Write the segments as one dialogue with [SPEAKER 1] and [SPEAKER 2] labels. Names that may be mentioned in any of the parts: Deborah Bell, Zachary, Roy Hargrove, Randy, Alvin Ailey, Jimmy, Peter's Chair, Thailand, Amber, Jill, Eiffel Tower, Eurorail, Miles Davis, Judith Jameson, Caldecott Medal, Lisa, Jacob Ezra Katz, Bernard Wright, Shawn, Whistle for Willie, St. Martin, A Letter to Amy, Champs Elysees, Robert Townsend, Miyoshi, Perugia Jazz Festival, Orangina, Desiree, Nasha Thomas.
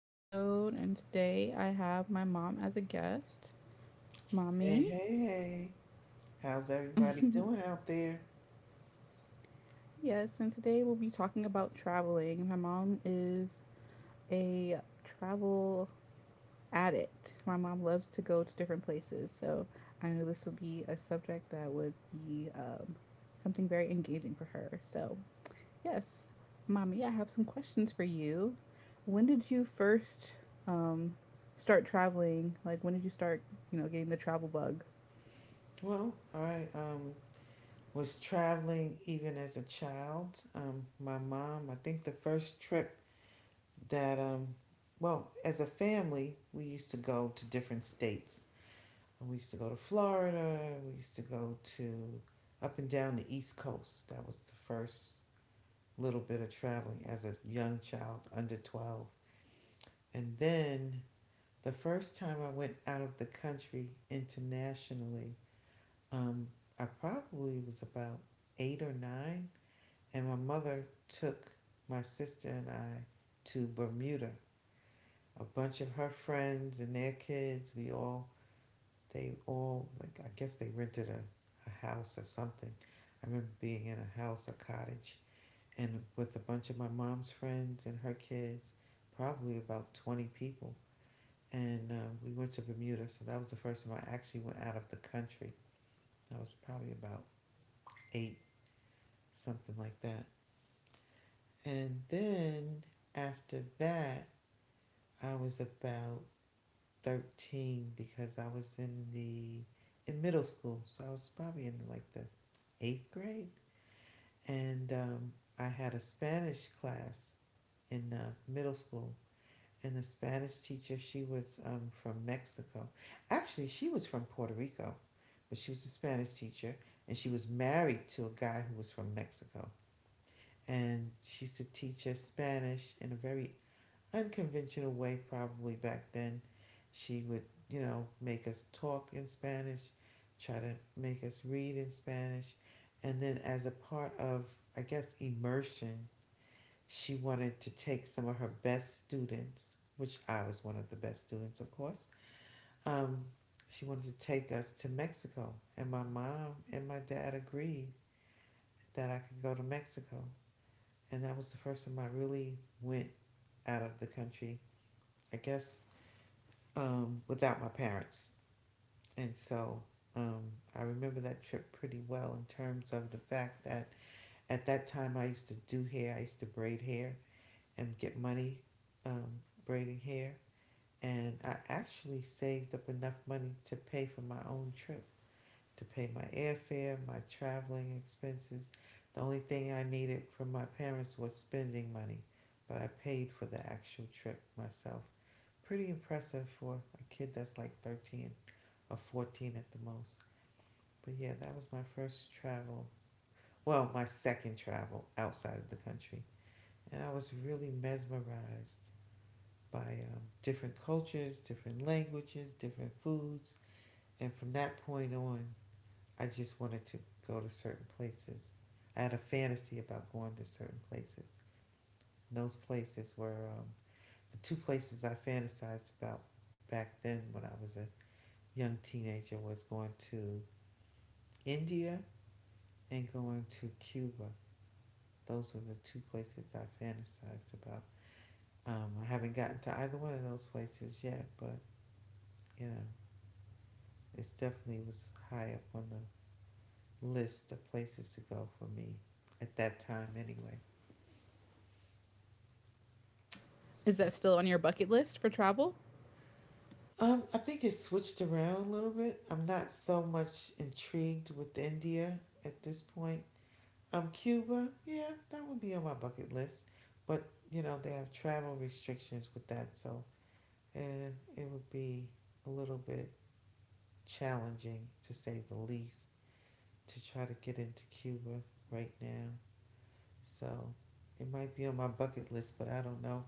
[SPEAKER 1] episode, and today I have my mom as a guest,
[SPEAKER 2] Hey,
[SPEAKER 1] mommy.
[SPEAKER 2] hey, hey. How's everybody doing out there?
[SPEAKER 1] Yes, and today we'll be talking about traveling. My mom is a travel addict. My mom loves to go to different places, so I know this will be a subject that would be something very engaging for her. So yes, mommy, I have some questions for you. When did you first um, start traveling? Like, when did you start, getting the travel bug?
[SPEAKER 2] Well, I was traveling even as a child. My mom, I think the first trip that, well, as a family, we used to go to different states. We used to go to Florida, we used to go to up and down the East Coast. That was the first little bit of traveling as a young child under 12. And then the first time I went out of the country internationally, um, I probably was about eight or nine, and my mother took my sister and I to Bermuda. A bunch of her friends and their kids, we all, they all, like, I guess they rented a house or something. I remember being in a house, a cottage, and with a bunch of my mom's friends and her kids, probably about 20 people. And we went to Bermuda. So that was the first time I actually went out of the country. I was probably about eight, something like that. And then after that, I was about 13 because I was in the in middle school. So I was probably in like the eighth grade. And I had a Spanish class in middle school. And the Spanish teacher, she was from Mexico. Actually, she was from Puerto Rico, but she was a Spanish teacher, and she was married to a guy who was from Mexico. And she used to teach us Spanish in a very unconventional way, probably back then. She would, you know, make us talk in Spanish, try to make us read in Spanish. And then, as a part of, I guess, immersion, she wanted to take some of her best students, which I was one of the best students, of course. Um, she wanted to take us to Mexico, and my mom and my dad agreed that I could go to Mexico. And that was the first time I really went out of the country, I guess, without my parents. And so um, I remember that trip pretty well in terms of the fact that at that time I used to do hair, I used to braid hair and get money braiding hair. And I actually saved up enough money to pay for my own trip, to pay my airfare, my traveling expenses. The only thing I needed from my parents was spending money, but I paid for the actual trip myself. Pretty impressive for a kid that's like 13 or 14 at the most. But yeah, that was my first travel. Well, my second travel outside of the country. And I was really mesmerized by different cultures, different languages, different foods. And from that point on, I just wanted to go to certain places. I had a fantasy about going to certain places. And those places were the two places I fantasized about back then when I was a young teenager was going to India and going to Cuba. Those were the two places I fantasized about. I haven't gotten to either one of those places yet, but you know, it definitely was high up on the list of places to go for me at that time anyway.
[SPEAKER 1] Is
[SPEAKER 2] So
[SPEAKER 1] that still on your bucket list for travel?
[SPEAKER 2] I think it switched around a little bit. I'm not so much intrigued with India at this point. Cuba, yeah, that would be on my bucket list, but you know they have travel restrictions with that, so uh, it would be a little bit challenging to say the least to try to get into Cuba right now. So it might be on my bucket list, but I don't know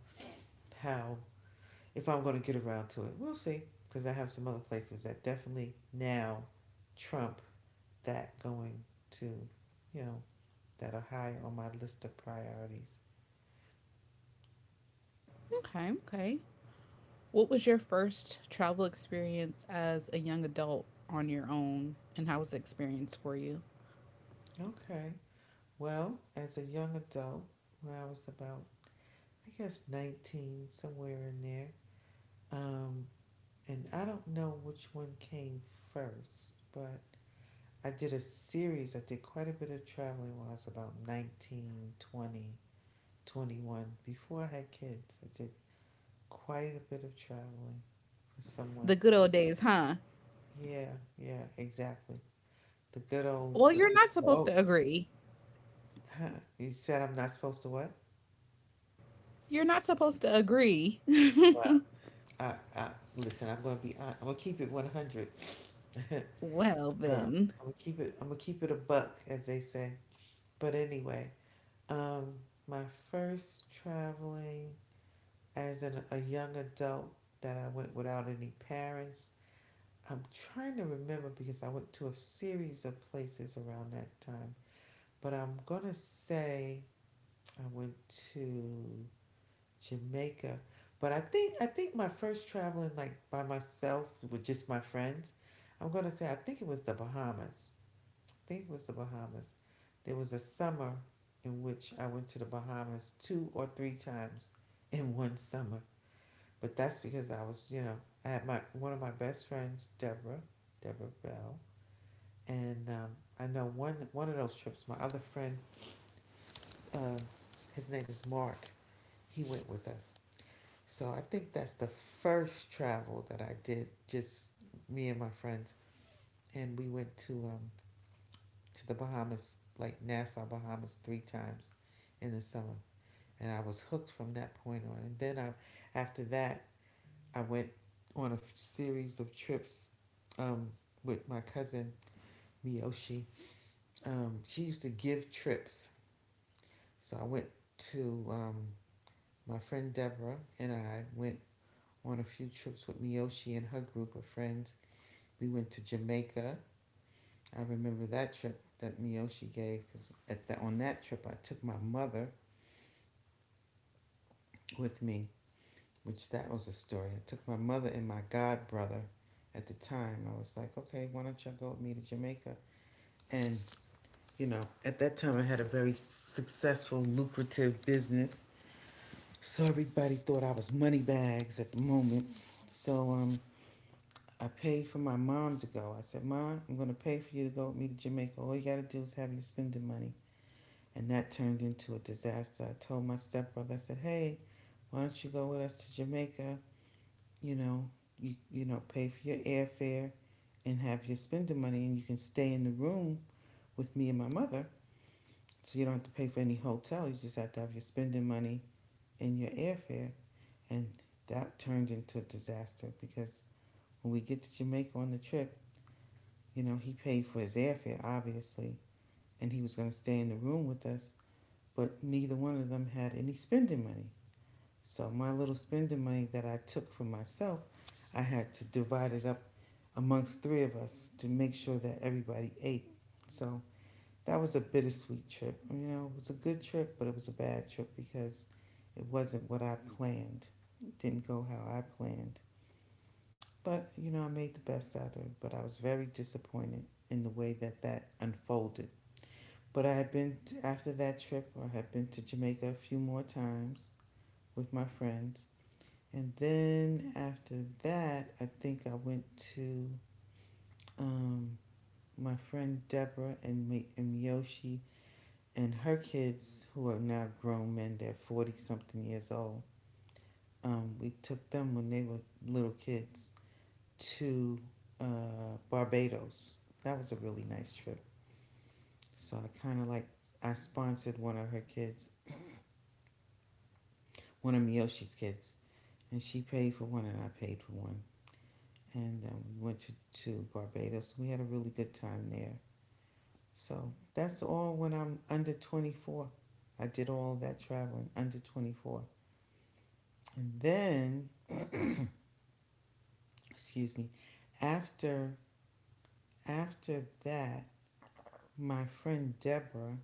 [SPEAKER 2] how, if I'm going to get around to it. We'll see, because I have some other places that definitely now trump that going to, you know, that are high on my list of priorities.
[SPEAKER 1] Okay, okay. What was your first travel experience as a young adult on your own, and how was the experience for you?
[SPEAKER 2] Okay. Well, as a young adult, when I was about, I guess, 19, somewhere in there, um, and I don't know which one came first, but I did a series. I did quite a bit of traveling when I was about 19, 20, 21. Before I had kids, I did quite a bit of traveling for someone.
[SPEAKER 1] The good old days, huh?
[SPEAKER 2] Yeah, yeah, exactly. The good old,
[SPEAKER 1] Well,
[SPEAKER 2] the
[SPEAKER 1] you're
[SPEAKER 2] good,
[SPEAKER 1] not supposed
[SPEAKER 2] oh,
[SPEAKER 1] to agree.
[SPEAKER 2] huh, you said I'm not supposed to what?
[SPEAKER 1] You're not supposed to agree.
[SPEAKER 2] Well, I, I, listen, I'm going to be, I'm going to keep it 100.
[SPEAKER 1] Well,
[SPEAKER 2] um,
[SPEAKER 1] then.
[SPEAKER 2] I'm going to keep it, I'm going to keep it a buck, as they say. But anyway, um, my first traveling as a young adult that I went without any parents. I'm trying to remember because I went to a series of places around that time, but I'm going to say I went to Jamaica. But I think my first traveling like by myself with just my friends, I'm gonna say I think it was the Bahamas. I think it was the Bahamas. There was a summer in which I went to the Bahamas two or three times in one summer. But that's because I was, you know, I had my one of my best friends, Deborah, Deborah Bell, and I know one of those trips. My other friend, uh, his name is Mark. He went with us. So I think that's the first travel that I did, just me and my friends, and we went to the Bahamas, like Nassau, Bahamas, three times in the summer, and I was hooked from that point on. After that, I went on a series of trips um, with my cousin Miyoshi. She used to give trips. So I went to my friend Deborah and I went on a few trips with Miyoshi and her group of friends. We went to Jamaica. I remember that trip that Miyoshi gave because at that on that trip I took my mother with me, which that was a story. I took my mother and my god brother. At the time, I was like, okay, why don't y'all go with me to Jamaica? And you know, at that time I had a very successful, lucrative business. So everybody thought I was money bags at the moment. So I paid for my mom to go. I said, "Mom, I'm going to pay for you to go with me to Jamaica. All you got to do is have your spending money." And that turned into a disaster. I told my stepbrother, I said, "Hey, why don't you go with us to Jamaica? You know, you know, pay for your airfare and have your spending money and you can stay in the room with me and my mother, so you don't have to pay for any hotel. You just have to have your spending money and your airfare." And that turned into a disaster because when we get to Jamaica on the trip, you know, he paid for his airfare, obviously, and he was going to stay in the room with us, but neither one of them had any spending money. So my little spending money that I took for myself, I had to divide it up amongst three of us to make sure that everybody ate. So that was a bittersweet trip. You know, it was a good trip, but it was a bad trip because it wasn't what I planned. It didn't go how I planned. But, you know, I made the best out of it. But I was very disappointed in the way that that unfolded. But I had been, t after that trip, I had been to Jamaica a few more times with my friends. And then after that, I think I went to um, my friend Deborah and Miyoshi and her kids, who are now grown men, they're 40 something years old. We took them when they were little kids to Barbados. That was a really nice trip. So I kind of like, I sponsored one of her kids, one of Miyoshi's kids, and she paid for one and I paid for one. And we went to Barbados. We had a really good time there. So that's all when I'm under 24. I did all that traveling under 24. And then, excuse me, after after that, my friend Deborah,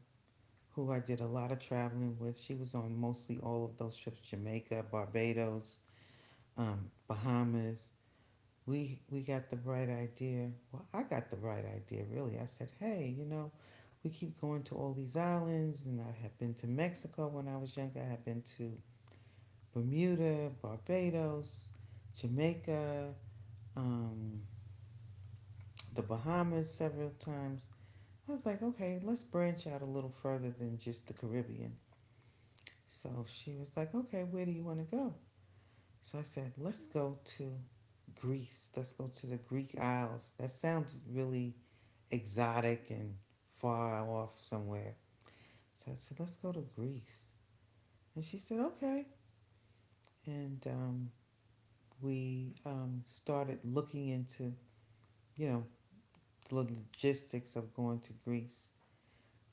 [SPEAKER 2] who I did a lot of traveling with, she was on mostly all of those trips: Jamaica, Barbados, Bahamas. We got the bright idea. Well, I got the bright idea. Really, I said, hey, you know, we keep going to all these islands, and I had been to Mexico when I was younger. I had been to Bermuda, Barbados, Jamaica, um, the Bahamas several times. I was like, okay, let's branch out a little further than just the Caribbean. So she was like, okay, where do you want to go? So I said, let's go to Greece. Let's go to the Greek Isles. That sounded really exotic and far off somewhere. So I said, let's go to Greece. And she said, okay. And we started looking into, you know, the logistics of going to Greece.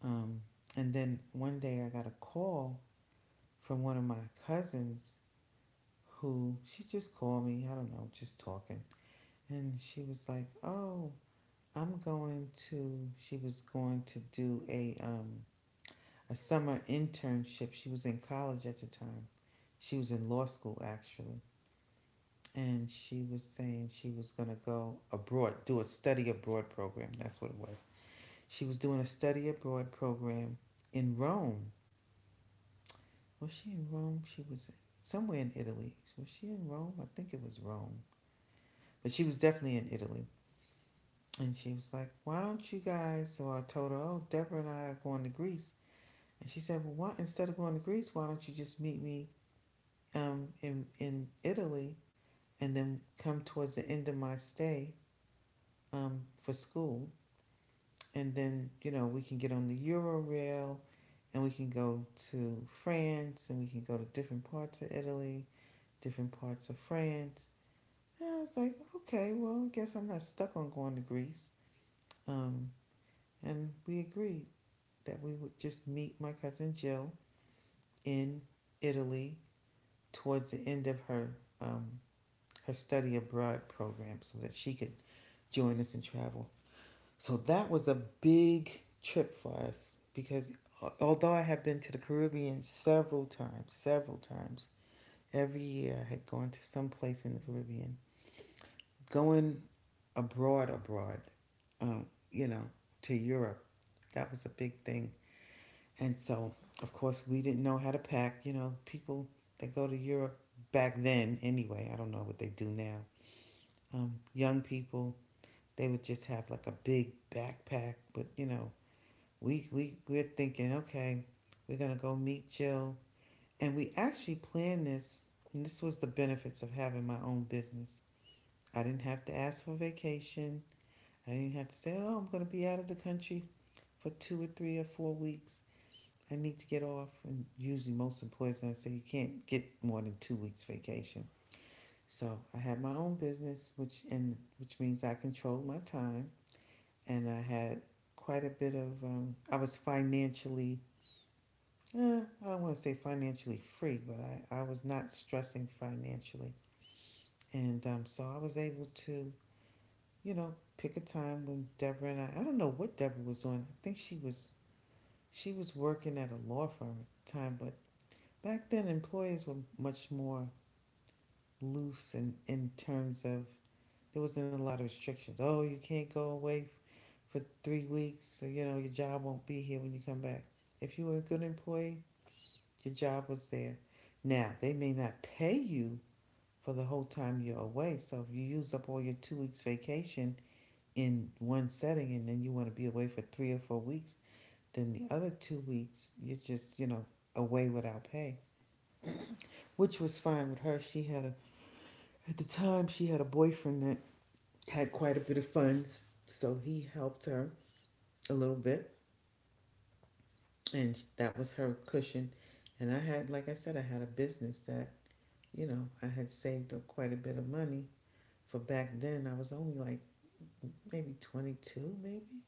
[SPEAKER 2] Um, and then one day I got a call from one of my cousins who, she just called me, I don't know, just talking. And she was like, oh, I'm going to she was going to do a summer internship. She was in college at the time. She was in law school actually. And she was saying she was going to go abroad, do a study abroad program. That's what it was. She was doing a study abroad program in Rome. Was she in Rome? She was somewhere in Italy. Was she in Rome? I think it was Rome. But she was definitely in Italy. And she was like, why don't you guys? So I told her, oh, Deborah and I are going to Greece. And she said, well, why, instead of going to Greece, why don't you just meet me in Italy and then come towards the end of my stay, for school? And then, you know, we can get on the Eurorail and we can go to France and we can go to different parts of Italy, different parts of France. And I was like, okay, well, I guess I'm not stuck on going to Greece. Um, and we agreed that we would just meet my cousin Jill in Italy towards the end of her, um, her study abroad program so that she could join us and travel. So that was a big trip for us because, although I have been to the Caribbean several times, every year I had gone to some place in the Caribbean. Going abroad um, you know, to Europe. That was a big thing. And so, of course, we didn't know how to pack. You know, people that go to Europe back then, anyway, I don't know what they do now. Young people, they would just have like a big backpack. But, you know, we're thinking, okay, we're going to go meet Jill. And we actually planned this. And this was the benefits of having my own business. I didn't have to ask for vacation. I didn't have to say, oh, I'm going to be out of the country for 2 or 3 or 4 weeks. I need to get off, and usually most employers now say you can't get more than 2 weeks vacation. So I had my own business, which means I controlled my time, and I had quite a bit of. I was financially, I don't want to say financially free, but I was not stressing financially, and so I was able to, you know, pick a time when Deborah and I. I don't know what Deborah was doing. I think she was working at a law firm at the time. But back then, employers were much more loose in terms of there wasn't a lot of restrictions. Oh, you can't go away for 3 weeks, so you know your job won't be here when you come back. If you were a good employee, your job was there. Now they may not pay you for the whole time you're away. So if you use up all your 2 weeks vacation in one setting and then you want to be away for 3 or 4 weeks, then the other 2 weeks you're just away without pay, which was fine with her. She had a At the time, she had a boyfriend that had quite a bit of funds, so he helped her a little bit, and that was her cushion. And I had, like I said, I had a business that, you know, I had saved up quite a bit of money for back then. I was only like maybe 22, maybe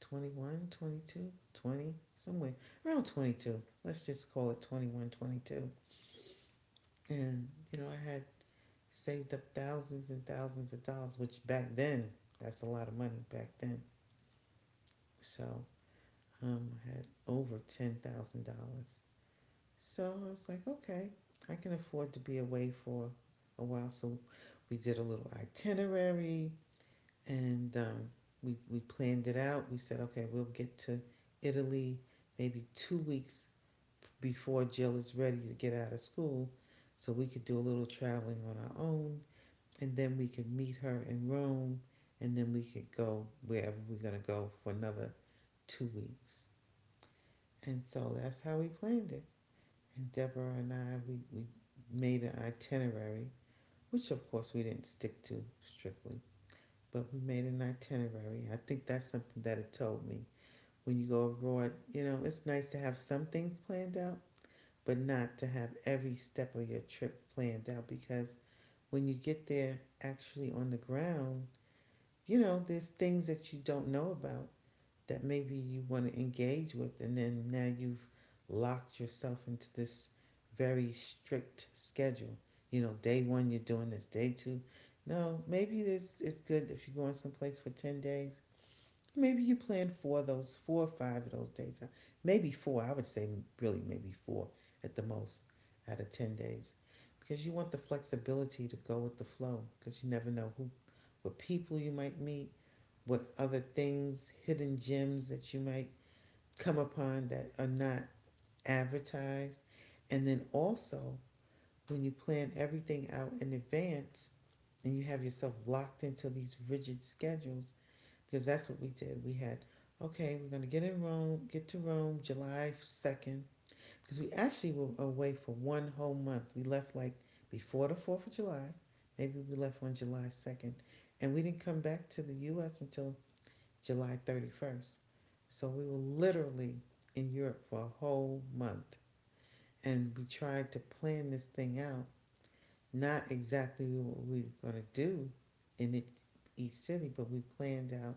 [SPEAKER 2] 21, 22, 20, somewhere around 22. Let's just call it 21, 22. And, you know, I had saved up thousands and thousands of dollars, which back then, that's a lot of money back then. So had over $10,000. So I was like, okay, I can afford to be away for a while. So we did a little itinerary, and we planned it out. We said, okay, we'll get to Italy maybe 2 weeks before Jill is ready to get out of school so we could do a little traveling on our own, and then we could meet her in Rome, and then we could go wherever we're going to go for another 2 weeks. And so that's how we planned it. And Deborah and I, we made an itinerary, which of course we didn't stick to strictly, but we made an itinerary. I think that's something that it told me. When you go abroad, you know, it's nice to have some things planned out, but not to have every step of your trip planned out, because when you get there actually on the ground, you know, there's things that you don't know about that maybe you want to engage with, and then now you've locked yourself into this very strict schedule. You know, day one you're doing this, day two, no, maybe this. It's good if you're going someplace for 10 days, maybe you plan for those four or five of those days. Maybe four, I would say, really maybe four at the most, out of 10 days. Because you want the flexibility to go with the flow, because you never know who what people you might meet, what other things, hidden gems, that you might come upon that are not advertised. And then also, when you plan everything out in advance and you have yourself locked into these rigid schedules, because that's what we did. We had, okay, we're going to get in Rome, get to Rome July 2nd, because we actually were away for one whole month. We left like before the 4th of July. Maybe we left on July 2nd. And we didn't come back to the U.S. until July 31st. So we were literally in Europe for a whole month. And we tried to plan this thing out, not exactly what we were going to do in each city, but we planned out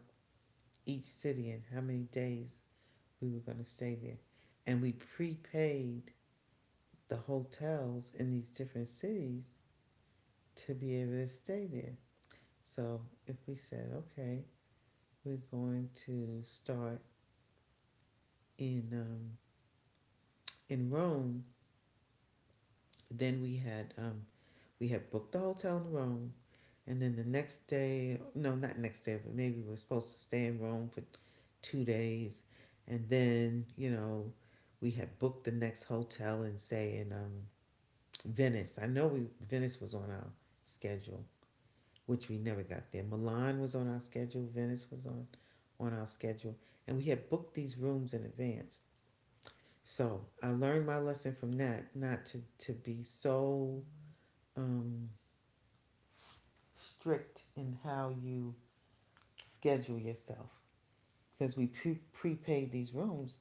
[SPEAKER 2] each city and how many days we were going to stay there. And we prepaid the hotels in these different cities to be able to stay there. So if we said, okay, we're going to start in um, in Rome. Then we had, we had booked the hotel in Rome, and then the next day, no, not next day, but maybe we were supposed to stay in Rome for 2 days, and then, you know, we had booked the next hotel and say in Venice. I know we Venice was on our schedule, which we never got there. Milan was on our schedule. Venice was on our schedule, and we had booked these rooms in advance. So I learned my lesson from that, not to be so, um, strict in how you schedule yourself, because we prepaid these rooms.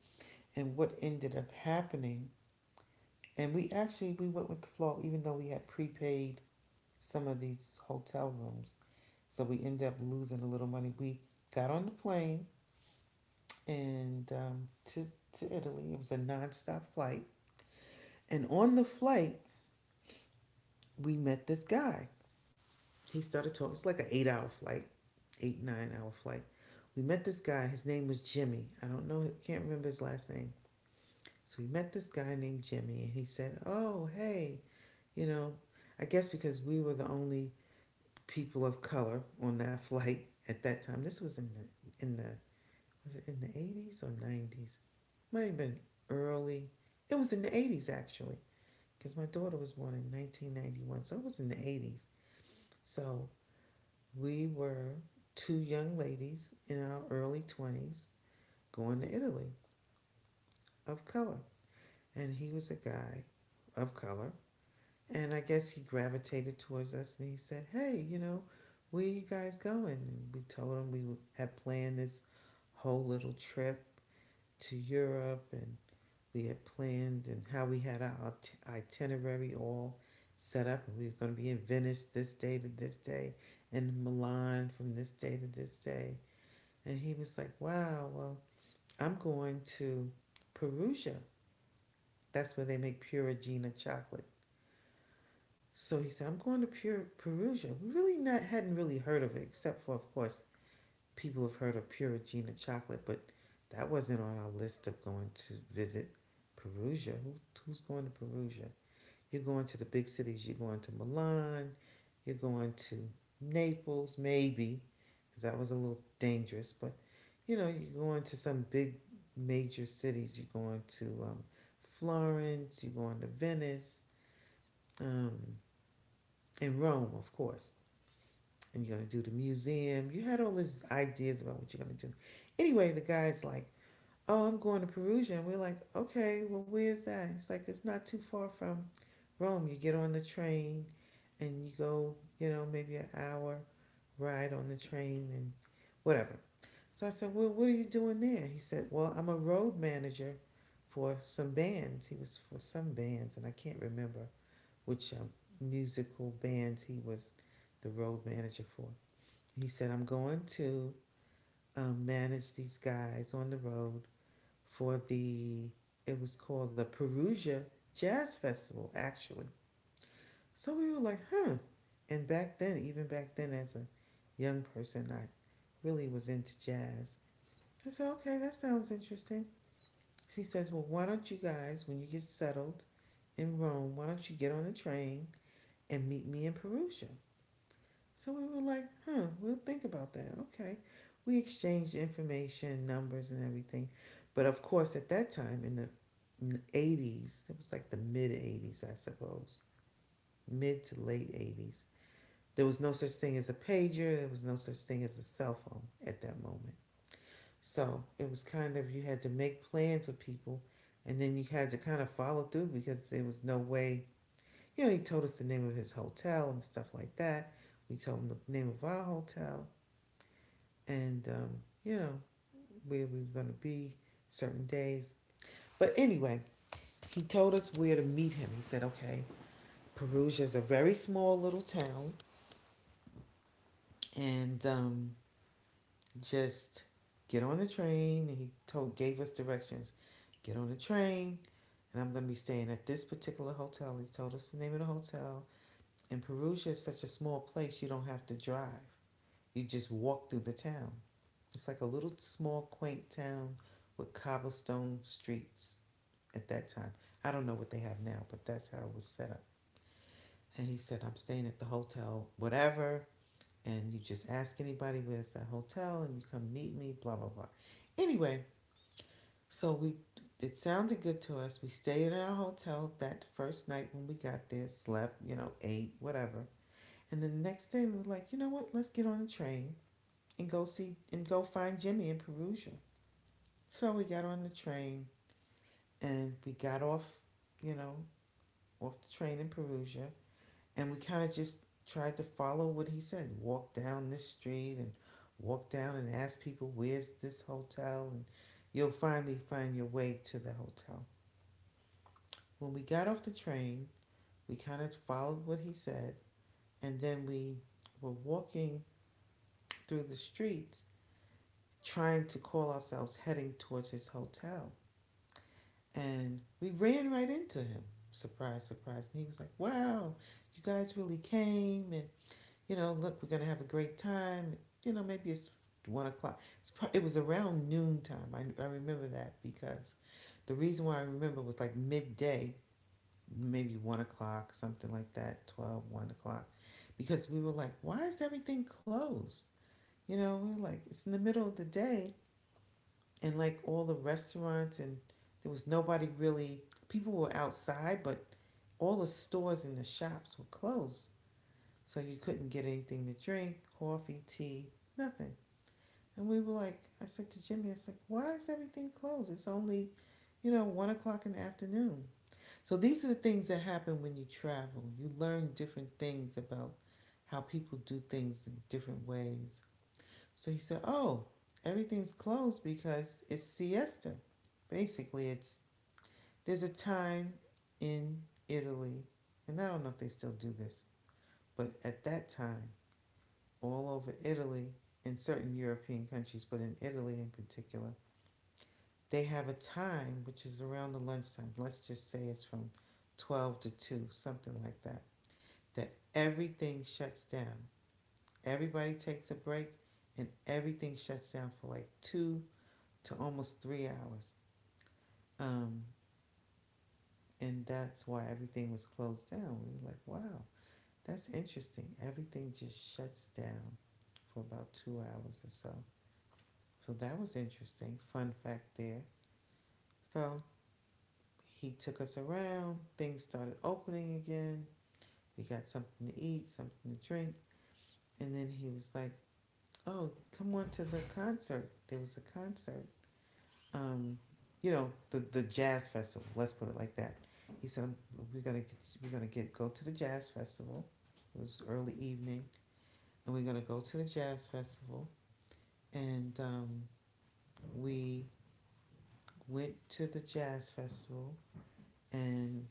[SPEAKER 2] And what ended up happening, and we actually we went with the flow even though we had prepaid some of these hotel rooms, so we ended up losing a little money. We got on the plane, and to Italy, it was a nonstop flight. And on the flight we met this guy. He started talking. It's like an 8-hour flight, 8, 9-hour flight. We met this guy. His name was Jimmy. I don't know. Can't remember his last name. So we met this guy named Jimmy, and he said, oh, hey, you know, I guess because we were the only people of color on that flight at that time. This was in the Was it in the 80s or nineties? Might have been early. It was in the 80s actually, because my daughter was born in 1991, so it was in the 80s. So we were two young ladies in our early 20s going to Italy, of color. And he was a guy of color. And I guess he gravitated towards us and he said, hey, you know, where are you guys going? And we told him we had planned this whole little trip to Europe, and we had planned and how we had our itinerary all set up, and we were going to be in Venice this day to this day and Milan from this day to this day. And he was like, wow, well, I'm going to Perugia. That's where they make Pura Gina chocolate. So he said, I'm going to Pure Perugia. We really not hadn't really heard of it, except for of course people have heard of Pura Gina chocolate, but that wasn't on our list of going to visit Perugia. Who's going to Perugia? You're going to the big cities. You're going to Milan. You're going to Naples, maybe, because that was a little dangerous. But you know, you're going to some big major cities. You're going to Florence. You're going to Venice um, in Rome, of course. And you're going to do the museum. You had all these ideas about what you're going to do. Anyway, the guy's like, oh, I'm going to Perugia. And we're like, okay, well, where's that? It's like, it's not too far from Rome. You get on the train and you go, you know, maybe an hour ride on the train and whatever. So I said, well, what are you doing there? He said, well, I'm a road manager for some bands. He was for some bands, and I can't remember which musical bands he was the road manager for. He said, I'm going to manage these guys on the road for the, it was called the Perugia Jazz Festival, actually. So we were like, hmm. And back then, even back then, as a young person, I really was into jazz. I said, okay, that sounds interesting. She says, well, why don't you guys, when you get settled in Rome, why don't you get on the train and meet me in Perugia? So we were like, huh, we'll think about that. Okay. We exchanged information, numbers, and everything. But of course, at that time in the 80s, it was like the mid 80s, I suppose, mid to late 80s, there was no such thing as a pager. There was no such thing as a cell phone at that moment. So it was kind of, you had to make plans with people and then you had to kind of follow through because there was no way. You know, he told us the name of his hotel and stuff like that. We told him the name of our hotel and you know where we were going to be certain days. But anyway, he told us where to meet him. He said, "Okay, Perugia is a very small little town, and just get on the train." And he told gave us directions. Get on the train, and I'm going to be staying at this particular hotel. He told us the name of the hotel. And Perugia is such a small place; you don't have to drive. You just walk through the town. It's like a little small, quaint town with cobblestone streets at that time. I don't know what they have now, but that's how it was set up. And he said, I'm staying at the hotel, whatever. And you just ask anybody where's that hotel and you come meet me, blah, blah, blah. Anyway, so we it sounded good to us. We stayed at our hotel that first night when we got there, slept, you know, ate, whatever. And then the next day we were like, you know what, let's get on the train and go see and go find Jimmy in Perugia. So we got on the train and we got off, you know, off the train in Perugia and we kind of just tried to follow what he said, walk down this street and walk down and ask people where's this hotel and you'll finally find your way to the hotel. When we got off the train we kind of followed what he said, and then we were walking through the streets trying to call ourselves heading towards his hotel, and we ran right into him, surprise surprise, and he was like, wow, you guys really came. And you know, look, we're going to have a great time. You know, maybe it's 1 o'clock. It was around noontime. I remember that because the reason why I remember was like midday, maybe 1 o'clock, something like that. 12, 1 o'clock, because we were like, why is everything closed? You know, we were like, it's in the middle of the day and like all the restaurants and there was nobody really, people were outside, but all the stores and the shops were closed so you couldn't get anything to drink, coffee, tea, nothing. And we were like, I said to Jimmy, I was like, why is everything closed? It's only, you know, 1 o'clock in the afternoon. So these are the things that happen when you travel. You learn different things about how people do things in different ways. So he said, oh, everything's closed because it's siesta. Basically, it's there's a time in Italy, and I don't know if they still do this, but at that time, all over Italy in certain European countries, but in Italy in particular, they have a time which is around the lunchtime. Let's just say it's from 12 to 2, something like that, that everything shuts down. Everybody takes a break and everything shuts down for like two to almost 3 hours. Um, and that's why everything was closed down. We were like, wow, that's interesting. Everything just shuts down for about 2 hours or so. So that was interesting. Fun fact there. So he took us around. Things started opening again. We got something to eat, something to drink. And then he was like, oh, come on to the concert. There was a concert. Um, you know, the jazz festival, let's put it like that. He said, We're gonna get, we're gonna get go to the jazz festival. It was early evening, and we're gonna go to the jazz festival. And we went to the jazz festival and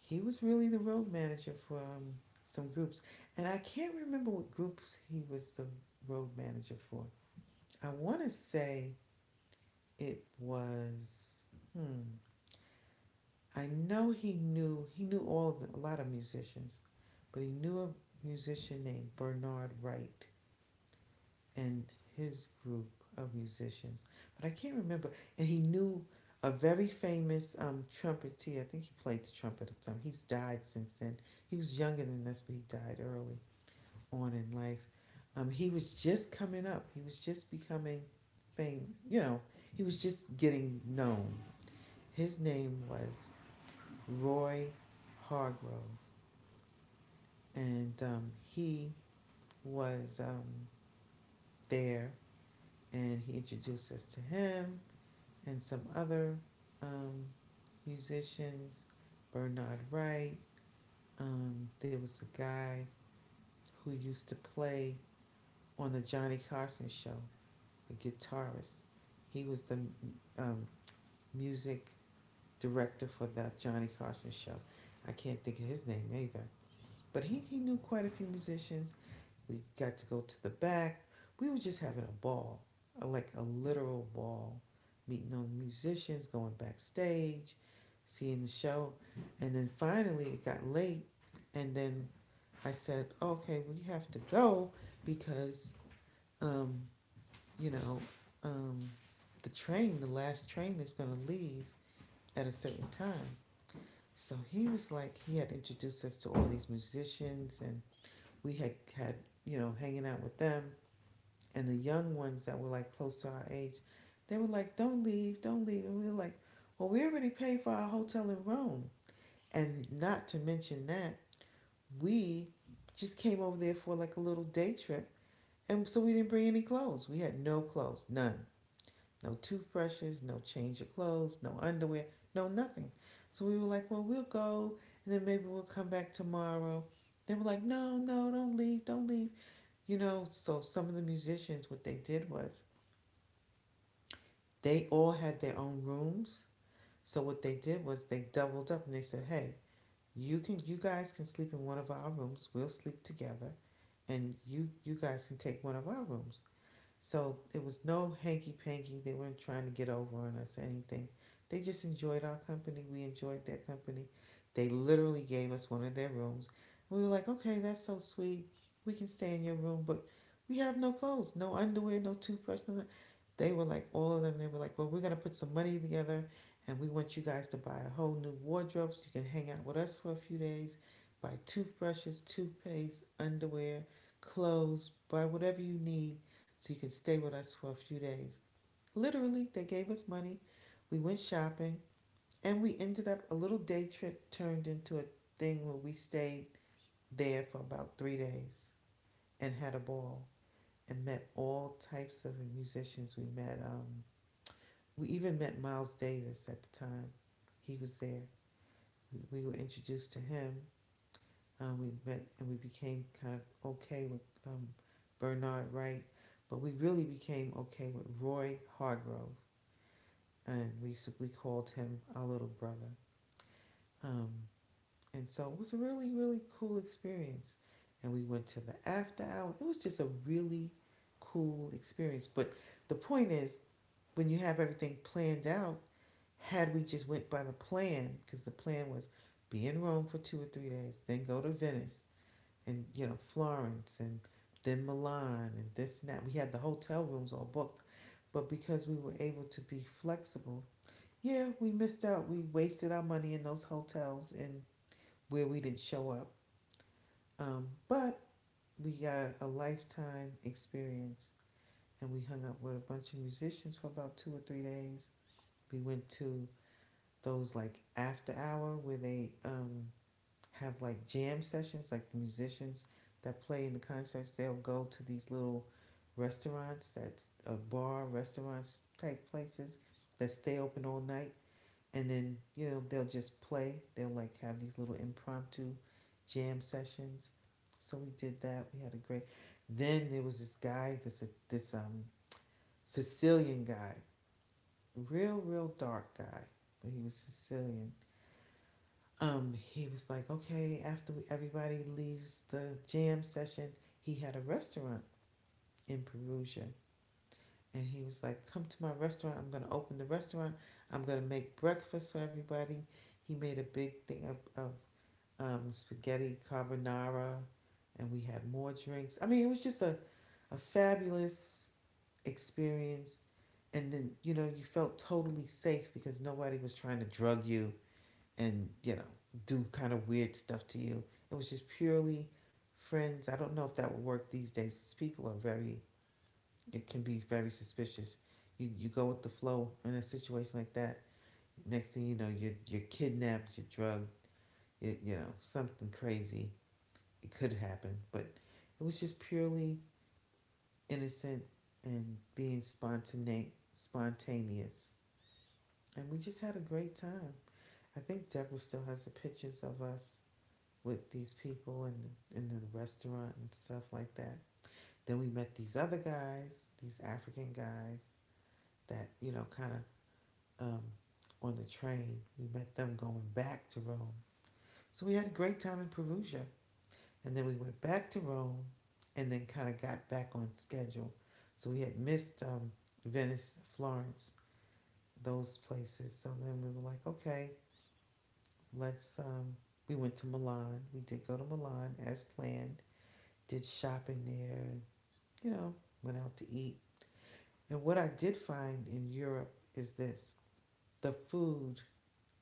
[SPEAKER 2] he was really the road manager for some groups. And I can't remember what groups he was the road manager for. I want to say it was. Hmm. I know he knew all of the, a lot of musicians, but he knew a musician named Bernard Wright, and his group of musicians, but I can't remember. And he knew a very famous trumpeter. I think he played the trumpet at some. He's died since then. He was younger than us, but he died early on in life. He was just coming up. He was just becoming famous. You know, he was just getting known. His name was Roy Hargrove, and he was there, and he introduced us to him. And some other um, musicians, Bernard Wright. There was a guy who used to play on the Johnny Carson show, a guitarist. He was the um, music director for that Johnny Carson show. I can't think of his name either. But he knew quite a few musicians. We got to go to the back. We were just having a ball, like a literal ball, meeting all the musicians, going backstage, seeing the show. And then finally it got late. And then I said, okay, we have to go because, um, you know, um, the train, the last train is going to leave at a certain time. So he was like, he had introduced us to all these musicians, and we had had, you know, hanging out with them and the young ones that were like close to our age, they were like, don't leave," and we were like, "Well, we already paid for our hotel in Rome, and not to mention that we just came over there for like a little day trip, and so we didn't bring any clothes. We had no clothes, none, no toothbrushes, no change of clothes, no underwear, no nothing." So we were like, "Well, we'll go, and then maybe we'll come back tomorrow." They were like, "No, no, don't leave, don't leave." You know, so some of the musicians, what they did was they all had their own rooms. So what they did was they doubled up and they said, "Hey, you guys can sleep in one of our rooms. We'll sleep together and you guys can take one of our rooms." So it was no hanky panky. They weren't trying to get over on us or anything. They just enjoyed our company. We enjoyed their company. They literally gave us one of their rooms. We were like, okay, that's so sweet. We can stay in your room, but we have no clothes, no underwear, no toothbrush. No. They were like, all of them, they were like, well, we're going to put some money together and we want you guys to buy a whole new wardrobe so you can hang out with us for a few days. Buy toothbrushes, toothpaste, underwear, clothes, buy whatever you need so you can stay with us for a few days. Literally, they gave us money. We went shopping, and we ended up a little day trip turned into a thing where we stayed there for about 3 days and had a ball and met all types of musicians. We met. We even met Miles Davis at the time. He was there. We were introduced to him. We met, and we became kind of okay with Bernard Wright, but we really became okay with Roy Hargrove, and we called him our little brother. Um, and so it was a really cool experience, and we went to the after hour. It was just a really cool experience. But the point is, when you have everything planned out, had we just went by the plan, because the plan was be in Rome for 2 or 3 days, then go to Venice and you know Florence and then Milan and this and that. We had the hotel rooms all booked, but because we were able to be flexible, yeah, we missed out. We wasted our money in those hotels and where we didn't show up. But we got a lifetime experience, and we hung out with a bunch of musicians for about 2 or 3 days. We went to those like after hour where they have like jam sessions. Like the musicians that play in the concerts, they'll go to these little restaurants that's a bar, restaurants type places that stay open all night, and then you know they'll just play, they'll like have these little impromptu jam sessions. So we did that, we had a great. Then there was this guy, this Sicilian guy, real dark guy, but he was Sicilian. Um he was like, okay, after everybody leaves the jam session, he had a restaurant in Perugia, and he was like, come to my restaurant, I'm going to open the restaurant, I'm going to make breakfast for everybody. He made a big thing of spaghetti carbonara, and we had more drinks. I mean, it was just a fabulous experience. And then, you know, you felt totally safe because nobody was trying to drug you and, you know, do kind of weird stuff to you. It was just purely friends. I don't know if that would work these days. People are very, it can be very suspicious. You go with the flow in a situation like that. Next thing you know, you're kidnapped, you're drugged, you know, something crazy it could happen, but it was just purely innocent and being spontaneous. And we just had a great time. I think Deborah still has the pictures of us with these people and in the restaurant and stuff like that. Then we met these other guys, these African guys that you know kind of um, on the train. We met them going back to Rome. So we had a great time in Perugia. And then we went back to Rome and then kind of got back on schedule. So we had missed Venice, Florence, those places. So then we were like, okay, let's. We went to Milan. We did go to Milan as planned, did shopping there, and, you know, went out to eat. And what I did find in Europe is this, the food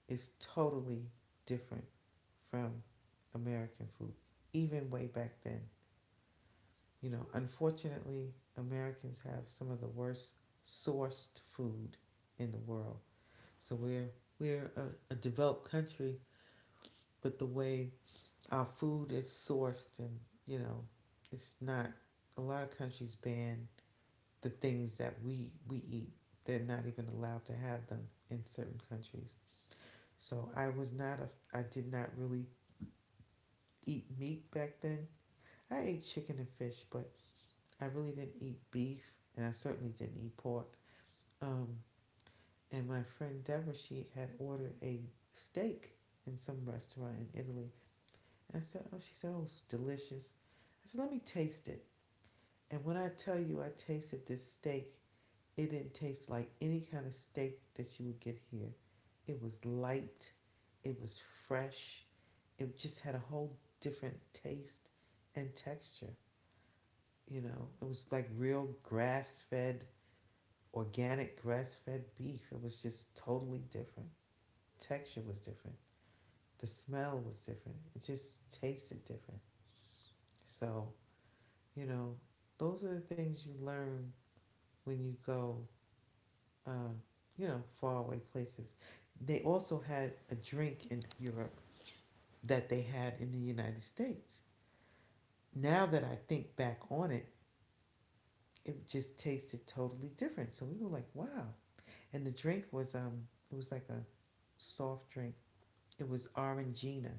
[SPEAKER 2] is totally different from American food, even way back then. You know, unfortunately, Americans have some of the worst sourced food in the world. So we're a developed country, but the way our food is sourced and, you know, it's not, a lot of countries ban the things that we eat. They're not even allowed to have them in certain countries. So I did not really eat meat back then. I ate chicken and fish, but I really didn't eat beef, and I certainly didn't eat pork. Um, and my friend Deborah, she had ordered a steak in some restaurant in Italy. And I said, oh, she said, oh, it's delicious. I said, let me taste it. And when I tell you I tasted this steak, it didn't taste like any kind of steak that you would get here. It was light, it was fresh, it just had a whole different taste and texture. You know, it was like real grass fed, organic grass fed beef. It was just totally different. Texture was different. The smell was different. It just tasted different. So, you know, those are the things you learn when you go, uh, you know, faraway places. They also had a drink in Europe that they had in the United States. Now that I think back on it, it just tasted totally different. So we were like, wow. And the drink was it was like a soft drink. It was Orangina.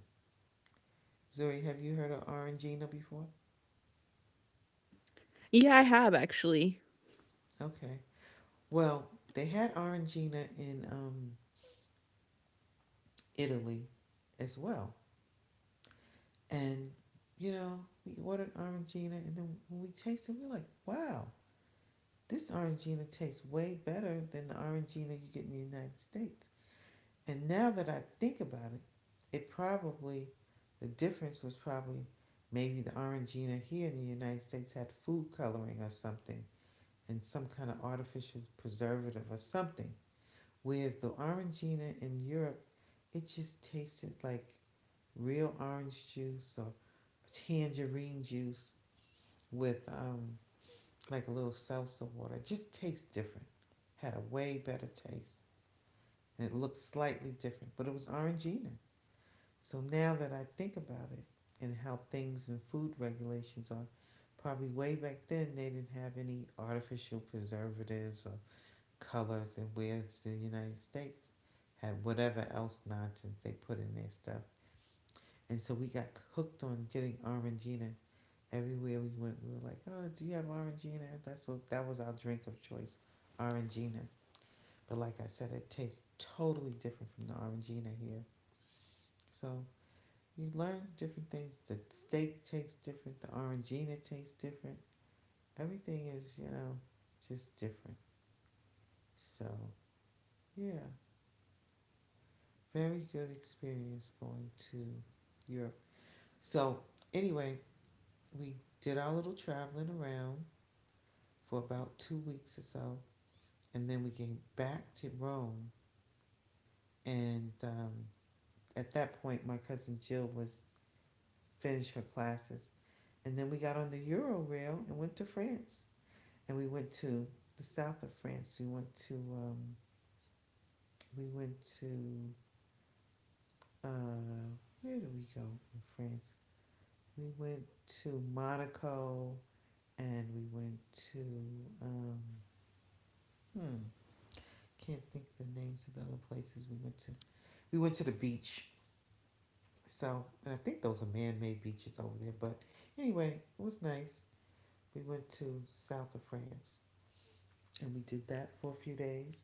[SPEAKER 2] Zoe, have you heard of Orangina before?
[SPEAKER 1] Yeah, I have actually.
[SPEAKER 2] Okay. Well, they had Orangina in Italy as well. And, you know, we ordered Orangina, and then when we tasted, we were like, wow, this Orangina tastes way better than the Orangina you get in the United States. And now that I think about it, it probably, the difference was probably maybe the Orangina here in the United States had food coloring or something and some kind of artificial preservative or something. Whereas the Orangina in Europe, it just tasted like real orange juice or tangerine juice with like a little salsa water. It just tastes different. Had a way better taste. And it looked slightly different, but it was Orangina. So now that I think about it and how things and food regulations are, probably way back then they didn't have any artificial preservatives or colors, and where's the United States had whatever else nonsense they put in their stuff. And so we got hooked on getting Orangina. Everywhere we went, we were like, "Oh, do you have Orangina?" That's what, that was our drink of choice, Orangina. But like I said, it tastes totally different from the Orangina here. So you learn different things. The steak tastes different. The Orangina tastes different. Everything is, you know, just different. So yeah, very good experience going to Europe. So, anyway, we did our little traveling around for about 2 weeks or so, and then we came back to Rome. And at that point, my cousin Jill was finished her classes, and then we got on the Euro rail and went to France. And we went to the south of France. We went to we went to uh, where did we go in France? We went to Monaco, and we went to um, hmm, can't think of the names of the other places we went to. We went to the beach. So, and I think those are man-made beaches over there. But anyway, it was nice. We went to south of France, and we did that for a few days.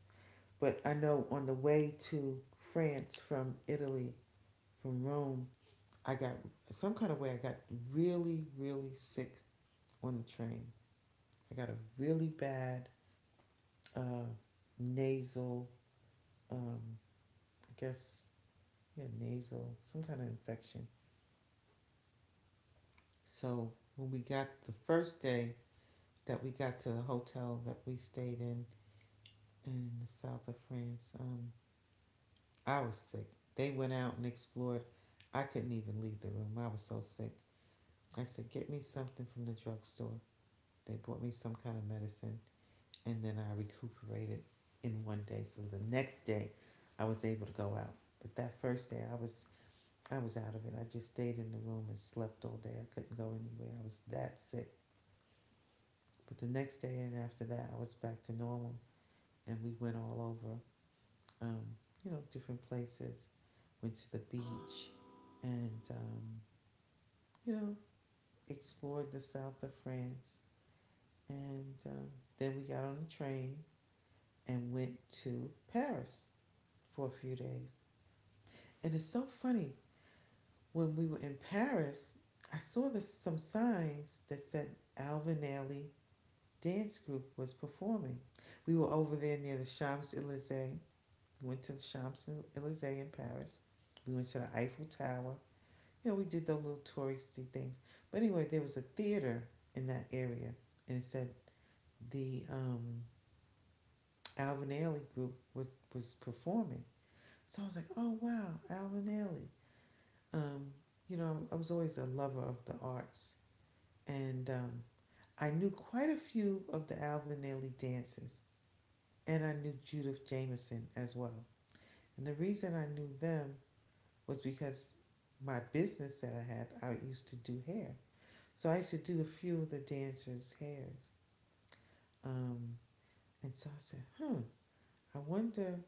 [SPEAKER 2] But I know on the way to France from Italy, from Rome, I got some kind of way. I got really, really sick on the train. I got a really bad uh, nasal um, I guess, yeah, nasal, some kind of infection. So when we got the first day that we got to the hotel that we stayed in the south of France, I was sick. They went out and explored. I couldn't even leave the room. I was so sick. I said, get me something from the drugstore. They brought me some kind of medicine, and then I recuperated in one day. So the next day, I was able to go out. But that first day, I was out of it. I just stayed in the room and slept all day. I couldn't go anywhere. I was that sick. But the next day and after that, I was back to normal, and we went all over, um, you know, different places. Went to the beach and, you know, explored the south of France. And then we got on the train and went to Paris for a few days. And it's so funny. When we were in Paris, I saw this, some signs that said Alvinelli dance group was performing. We were over there near the Champs Elysees. We went to the Champs Elysees in Paris. We went to the Eiffel Tower. You know, we did those little touristy things. But anyway, there was a theater in that area, and it said the Alvin Ailey group was performing. So I was like, oh wow, Alvin Ailey. Um, you know, I was always a lover of the arts, and I knew quite a few of the Alvin Ailey dances. And I knew Judith Jameson as well. And the reason I knew them was because my business that I had, I used to do hair. So I used to do a few of the dancers' hairs. Um, and so I said, "Huh, I wonder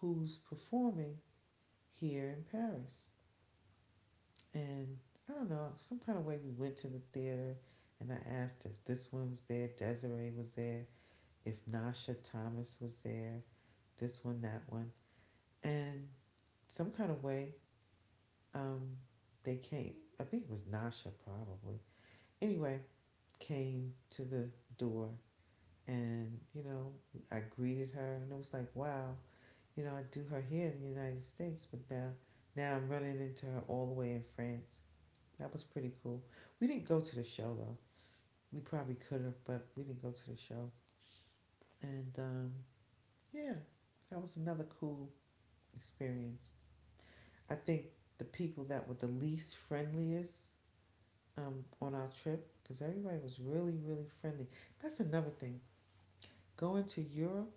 [SPEAKER 2] who's performing here in Paris. And I don't know, some kind of way we went to the theater and I asked if this one was there, Desiree was there, if Nasha Thomas was there, this one, that one. And some kind of way um, they came, I think it was Nasha probably. Anyway, came to the door and I greeted her and it was like, wow, I do her here in the United States, but now, now I'm running into her all the way in France. That was pretty cool. We didn't go to the show though. We probably could have, but we didn't go to the show. And yeah, that was another cool experience. I think the people that were the least friendliest on our trip because everybody was really, really friendly. That's another thing. Going to Europe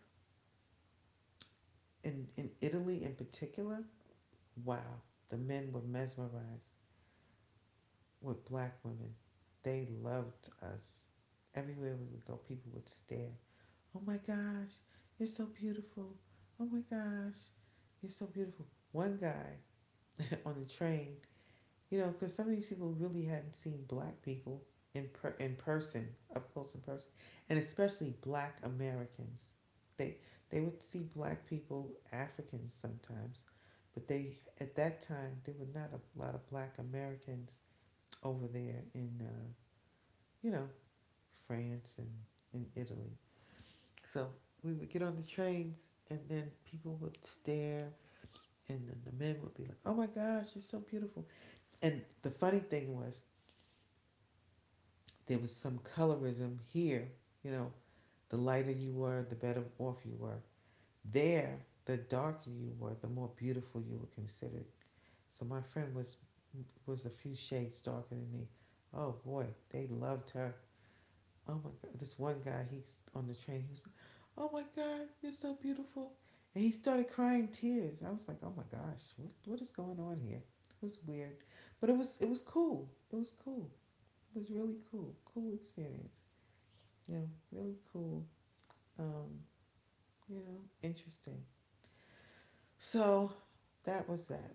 [SPEAKER 2] and in Italy in particular, wow, the men were mesmerized with black women. They loved us. Everywhere we would go, people would stare. Oh my gosh, you're so beautiful. Oh my gosh, you're so beautiful. One guy on the train. Because some of these people really hadn't seen black people in person, up close in person, and especially black Americans. They they would see black people, Africans sometimes, but they at that time there were not a lot of black Americans over there in you know France and in Italy. So we would get on the trains, and then people would stare, and then the men would be like, "Oh my gosh, you're so beautiful." And the funny thing was, there was some colorism here. You know, the lighter you were, the better off you were. There, the darker you were, the more beautiful you were considered. So my friend was a few shades darker than me. Oh boy, they loved her. Oh my God, this one guy, he's on the train. He was like, oh my God, you're so beautiful, and he started crying tears. I was like, oh my gosh, what is going on here? It was weird, but it was cool. It was cool. It was really cool, cool experience. Yeah, really cool. Um, you know, interesting. So that was that.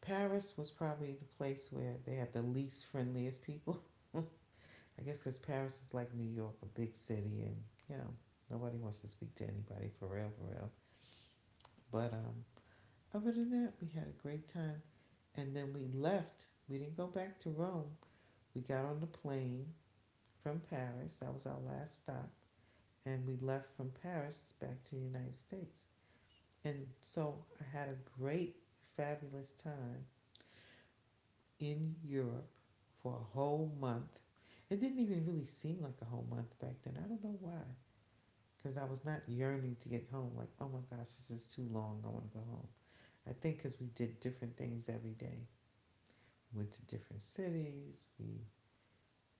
[SPEAKER 2] Paris was probably the place where they had the least friendliest people. I guess because Paris is like New York, a big city, and you know, nobody wants to speak to anybody for real, for real. But other than that, we had a great time. And then we left. We didn't go back to Rome. We got on the plane from Paris. That was our last stop. And we left from Paris back to the United States. And so I had a great, fabulous time in Europe for a whole month. It didn't even really seem like a whole month back then. I don't know why. Because I was not yearning to get home, like, oh my gosh, this is too long. I want to go home. I think because we did different things every day, went to different cities, we,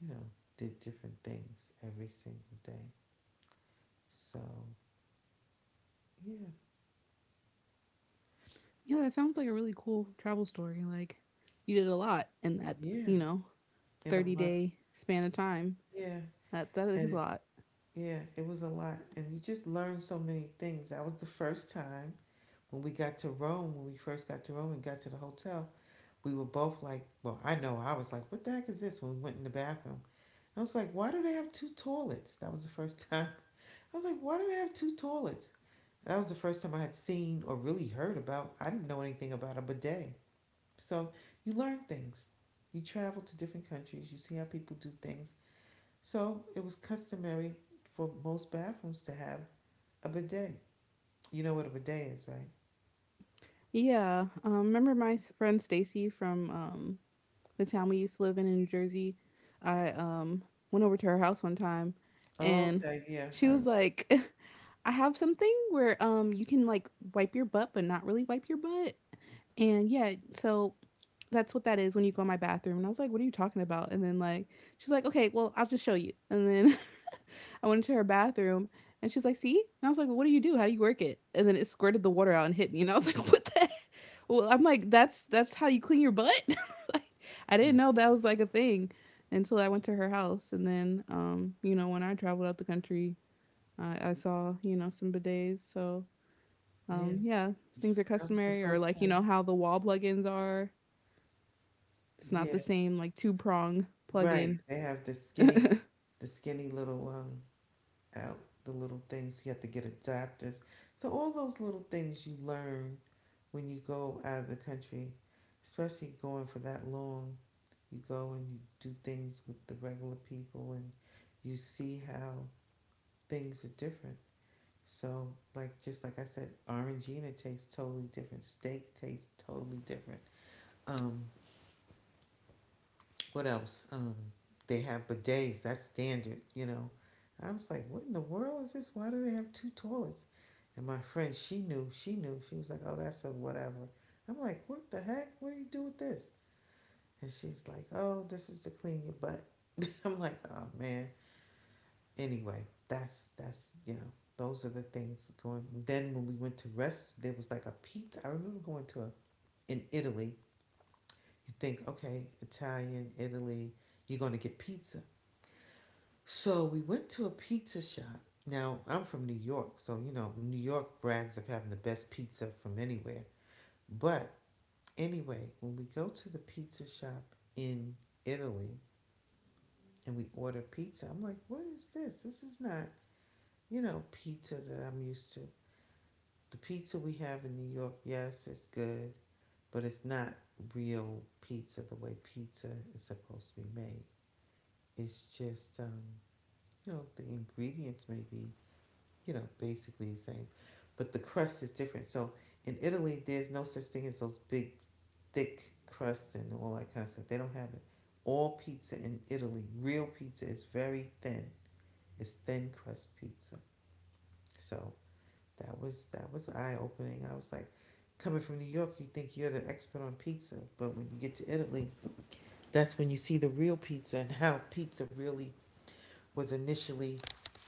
[SPEAKER 2] you know, did different things every single day. So, yeah,
[SPEAKER 1] Yeah, that sounds like a really cool travel story. Like, you did a lot in that,
[SPEAKER 2] yeah,
[SPEAKER 1] you know,
[SPEAKER 2] in a
[SPEAKER 1] 30
[SPEAKER 2] month,
[SPEAKER 1] day span of time.
[SPEAKER 2] yeah.
[SPEAKER 1] That that is a
[SPEAKER 2] And
[SPEAKER 1] lot.
[SPEAKER 2] yeah, it was a lot. And you just learned so many things. That was the first time when we got to Rome, when we first got to Rome and got to the hotel, we were both like, well, I know I was like, what the heck is this when we went in the bathroom? I was like, why do they have two toilets? That was the first time. I was like, why do they have two toilets? That was the first time I had seen or really heard about. I didn't know anything about a bidet. So you learn things. You travel to different countries, you see how people do things. So it was customary for most bathrooms to have a bidet. You know what a bidet is, right?
[SPEAKER 1] Yeah. Remember my friend Stacy from the town we used to live in New Jersey, I went over to her house one time and
[SPEAKER 2] Okay, yeah.
[SPEAKER 1] she
[SPEAKER 2] I,
[SPEAKER 1] was like, I have something where you can like wipe your butt but not really wipe your butt. And yeah, so that's what that is when you go in my bathroom. And I was like, what are you talking about? And then like she's like, okay, well I'll just show you. And then I went into her bathroom and she's like, see? And I was like, well, what do you do? How do you work it? And then it squirted the water out and hit me and I was like, what the heck? Well, I'm like, that's how you clean your butt. I didn't
[SPEAKER 2] rem-
[SPEAKER 1] know that was like a thing until I went to her house. And then, you know, when I traveled out the country, I saw, you know, some bidets. So,
[SPEAKER 2] yeah,
[SPEAKER 1] yeah, things are
[SPEAKER 2] that was the
[SPEAKER 1] customary or
[SPEAKER 2] first
[SPEAKER 1] like, you know,
[SPEAKER 2] time.
[SPEAKER 1] how the wall plugins are. It's not the
[SPEAKER 2] Yeah,
[SPEAKER 1] same, like two prong plug
[SPEAKER 2] right.
[SPEAKER 1] in.
[SPEAKER 2] They have
[SPEAKER 1] That's
[SPEAKER 2] the skinny little out the little things. You have to get adapters. So all those little things you learn when you go out of the country, especially going for that long. You go and you do things with the regular people, and you see how things are different. So, like just like I said, orangina tastes totally different. Steak tastes totally different. Um, what else? They have bidets. That's standard, you know. I was like, what in the world is this? Why do they have two toilets? And my friend, she knew. She knew. She was like, oh, that's a whatever. I'm like, what the heck? What do you do with this? And she's like, oh, this is to clean your butt. I'm like, oh man. Anyway, that's you know those are the things going. Then when we went to rest, there was like a pizza. I remember going to a, in Italy. You think okay, Italian, Italy, you're gonna get pizza. So we went to a pizza shop. Now I'm from New York, so you know New York brags of having the best pizza from anywhere. But anyway, when we go to the pizza shop in Italy and we order pizza, I'm like, what is this? This is not you know pizza that I'm used to. The pizza we have in New York, yes, it's good, but it's not real pizza the way pizza is supposed to be made. It's just, you know, the ingredients may be, you know, basically the same, but the crust is different. So in Italy, there's no such thing as those big, thick crust and all that kind of stuff. They don't have it. All pizza in Italy, real pizza, is very thin. It's thin crust pizza. So that was eye opening. I was like, coming from New York, you think you're the expert on pizza, but when you get to Italy, that's when you see the real pizza and how pizza really was initially,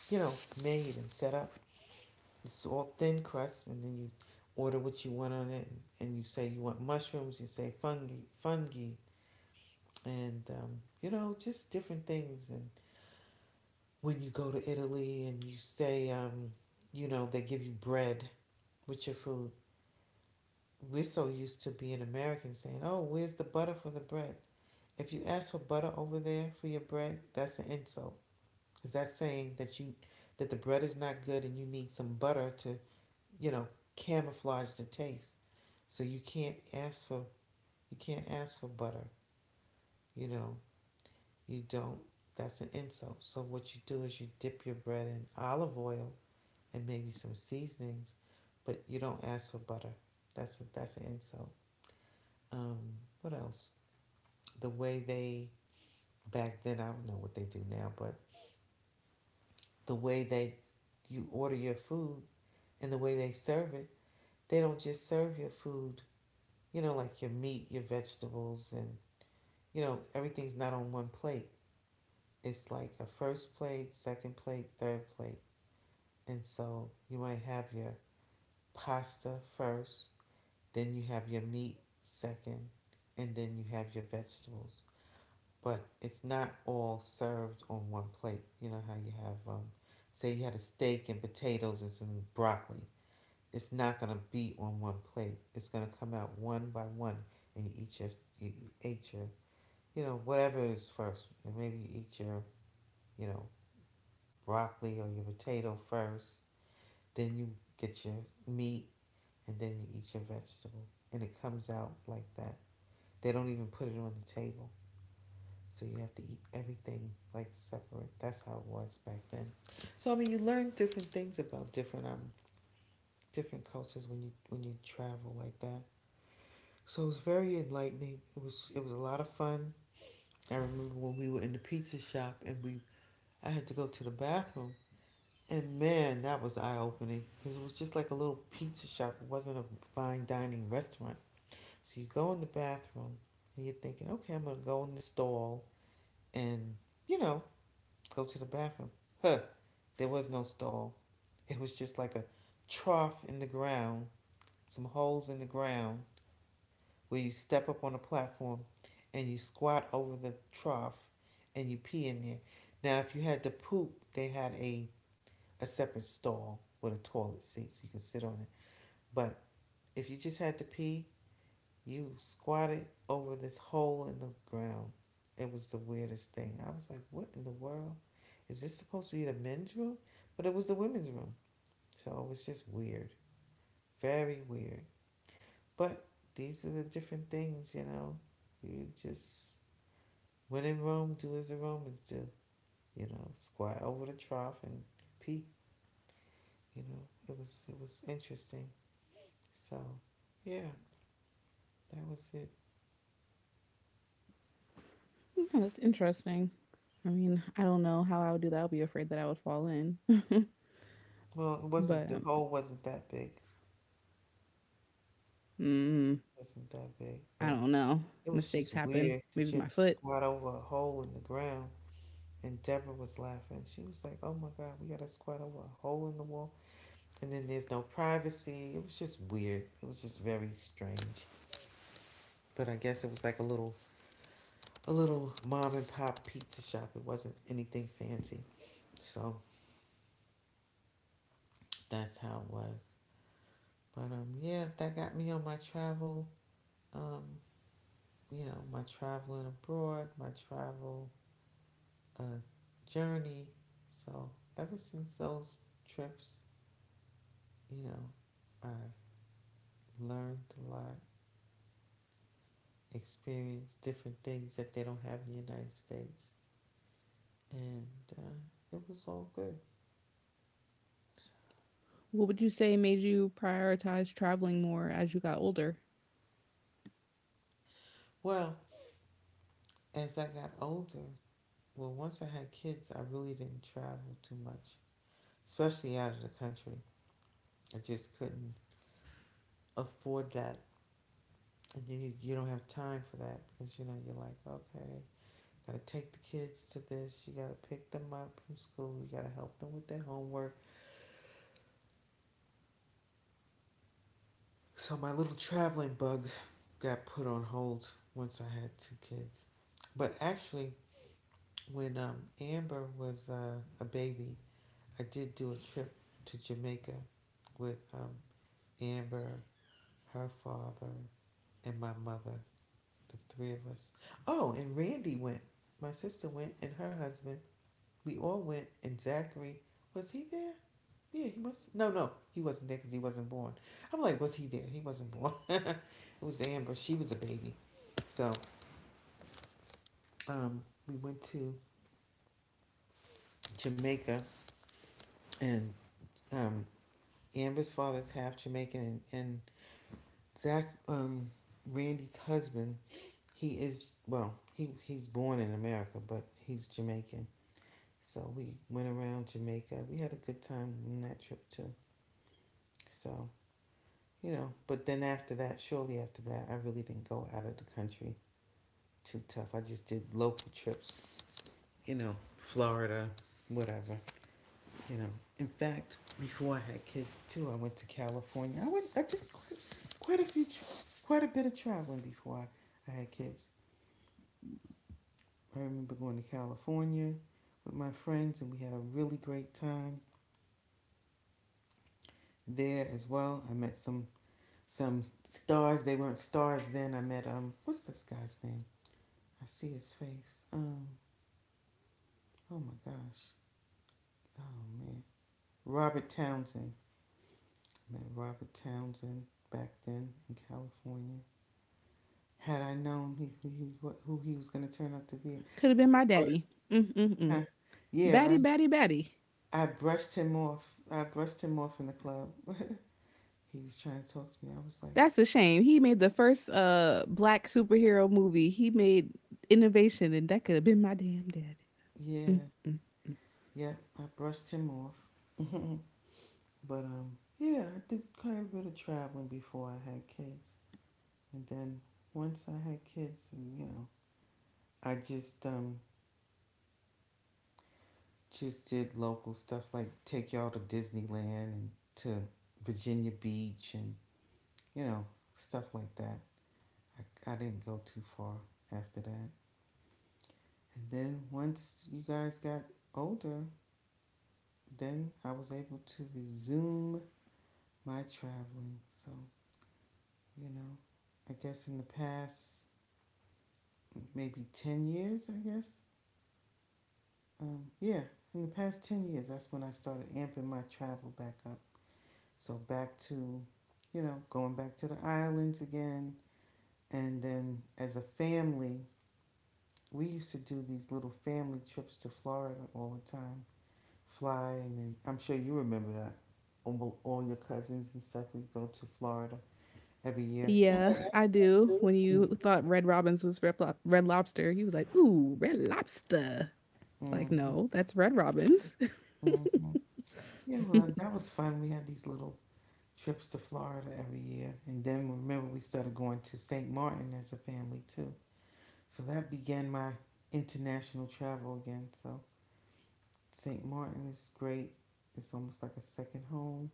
[SPEAKER 2] you know, made and set up. It's all thin crust, and then you order what you want on it, and you say you want mushrooms, you say fungi, fungi, and you know, just different things. And when you go to Italy and you say, you know, they give you bread with your food, we're so used to being Americans saying, oh, where's the butter for the bread? If you ask for butter over there for your bread, that's an insult. Because that's saying that you that the bread is not good and you need some butter to, you know, camouflage the taste. So you can't ask for butter. You know, you don't that's an insult. So what you do is you dip your bread in olive oil and maybe some seasonings, but you don't ask for butter. That's an insult. Um, what else? The way they Back then, I don't know what they do now, but the way they you order your food and the way they serve it, they don't just serve your food, you know, like your meat, your vegetables and you know, everything's not on one plate. It's like a first plate, second plate, third plate. And so you might have your pasta first, then you have your meat second, and then you have your vegetables. But it's not all served on one plate. You know how you have, say, you had a steak and potatoes and some broccoli. It's not gonna be on one plate. It's gonna come out one by one, and you eat your, you know, whatever is first. And maybe you eat your, you know, broccoli or your potato first. Then you get your meat, and then you eat your vegetable, and it comes out like that. They don't even put it on the table. So you have to eat everything like separate. That's how it was back then. So I mean, you learn different things about different cultures when you travel like that. So it was very enlightening. It was a lot of fun. I remember when we were in the pizza shop and we I had to go to the bathroom. And man, that was eye opening because it was just like a little pizza shop. It wasn't a fine dining restaurant. So you go in the bathroom and you're thinking, okay, I'm gonna go in the stall and you know go to the bathroom. Huh. There was no stall. It was just like a trough in the ground, some holes in the ground where you step up on a platform and you squat over the trough and you pee in there. Now, if you had to poop, a separate stall with a toilet seat so you could sit on it. But if you just had to pee, you squatted over this hole in the ground. It was the weirdest thing. I was like, what in the world? Is this supposed to be the men's room? But it was the women's room. So it was just weird. Very weird. But these are the different things, you know. You just, when in Rome, do as the Romans do. Squat over the trough and pee. It was interesting. So, yeah, that was it.
[SPEAKER 1] interesting. I mean, I don't know how I would do that. I would be afraid that I would fall in,
[SPEAKER 2] Well, it wasn't
[SPEAKER 1] but
[SPEAKER 2] the hole wasn't that big. It
[SPEAKER 1] mm,
[SPEAKER 2] wasn't that big,
[SPEAKER 1] I
[SPEAKER 2] but
[SPEAKER 1] don't know.
[SPEAKER 2] it was
[SPEAKER 1] Mistakes
[SPEAKER 2] just
[SPEAKER 1] happen.
[SPEAKER 2] weird that
[SPEAKER 1] Maybe
[SPEAKER 2] you
[SPEAKER 1] my
[SPEAKER 2] had to
[SPEAKER 1] foot.
[SPEAKER 2] squat over a hole in the ground. And Deborah was laughing. She was like, oh my God, we got to squat over a hole in the wall. And then there's no privacy. It was just weird. It was just very strange. But I guess it was like a little mom and pop pizza shop. It wasn't anything fancy. So that's how it was. But yeah, that got me on my travel. Um, my traveling abroad, my travel a journey. So ever since those trips, I learned a lot, experienced different things that they don't have in the United States, and uh, it was all good.
[SPEAKER 1] What would you say made you prioritize traveling more as you got older?
[SPEAKER 2] Well, as I got older, well, once I had kids, I really didn't travel too much, especially out of the country. I just couldn't afford that, and you don't have time for that because you know you're like okay, you gotta take the kids to this, you gotta pick them up from school, you gotta help them with their homework. So my little traveling bug got put on hold once I had two kids. But actually, when Amber was a baby, I did do a trip to Jamaica with Amber, her father, and my mother, the three of us. Oh, and Randy went. My sister went, and her husband. We all went, and Zachary, was he there? Yeah, he was. No, no, he wasn't there because he wasn't born. I'm like, was he there? He wasn't born. It was Amber. She was a baby. So we went to Jamaica, and um, Amber's father's half Jamaican, and, Zach, Randy's husband, he is well, he's born in America, but he's Jamaican. So we went around Jamaica. We had a good time on that trip too. So but then after that, shortly after that, I really didn't go out of the country too tough. I just did local trips, Florida, whatever, you know. In fact, before I had kids too, I went to California. I went, I did quite a bit of traveling before I had kids. I remember going to California with my friends, and we had a really great time there as well. I met some stars. They weren't stars then. I met what's this guy's name? I see his face. Oh my gosh. Oh man, Robert Townsend. Met Robert Townsend back then in California. Had I known he, who he what, who he was going to turn out to be,
[SPEAKER 1] Could have been
[SPEAKER 2] I,
[SPEAKER 1] my
[SPEAKER 2] bru-
[SPEAKER 1] daddy. Mm-mm-mm.
[SPEAKER 2] huh, yeah,
[SPEAKER 1] Batty,
[SPEAKER 2] right.
[SPEAKER 1] batty, batty.
[SPEAKER 2] I brushed him off. I brushed him off in the club. He was trying to talk to me. I was like,
[SPEAKER 1] That's a shame. He made the first black superhero movie. He made innovation, and that could have been my damn daddy.
[SPEAKER 2] yeah, yeah. I brushed him off. But yeah, I did quite a bit of traveling before I had kids, and then once I had kids, I just just did local stuff like take y'all to Disneyland and to Virginia Beach and you know stuff like that. I didn't go too far after that. And then once you guys got older, then I was able to resume my traveling. So, you know, I guess in the past maybe 10 years, I guess. Yeah, in the past 10 years, that's when I started amping my travel back up. So back to, you know, going back to the islands again. And then as a family, we used to do these little family trips to Florida all the time. Fly, and then I'm sure you remember that. All your cousins and stuff, we go to Florida every year.
[SPEAKER 1] Yeah, I do. When you thought Red Robin's was Red Lobster, he was like, "Ooh, Red Lobster." Like,
[SPEAKER 2] Mm-hmm,
[SPEAKER 1] no, that's Red Robin's.
[SPEAKER 2] mm-hmm. Yeah, well, that was fun. We had these little trips to Florida every year. And then remember, we started going to St. Martin as a family too. So that began my international travel again. So St. Martin is great. It's almost like a second home.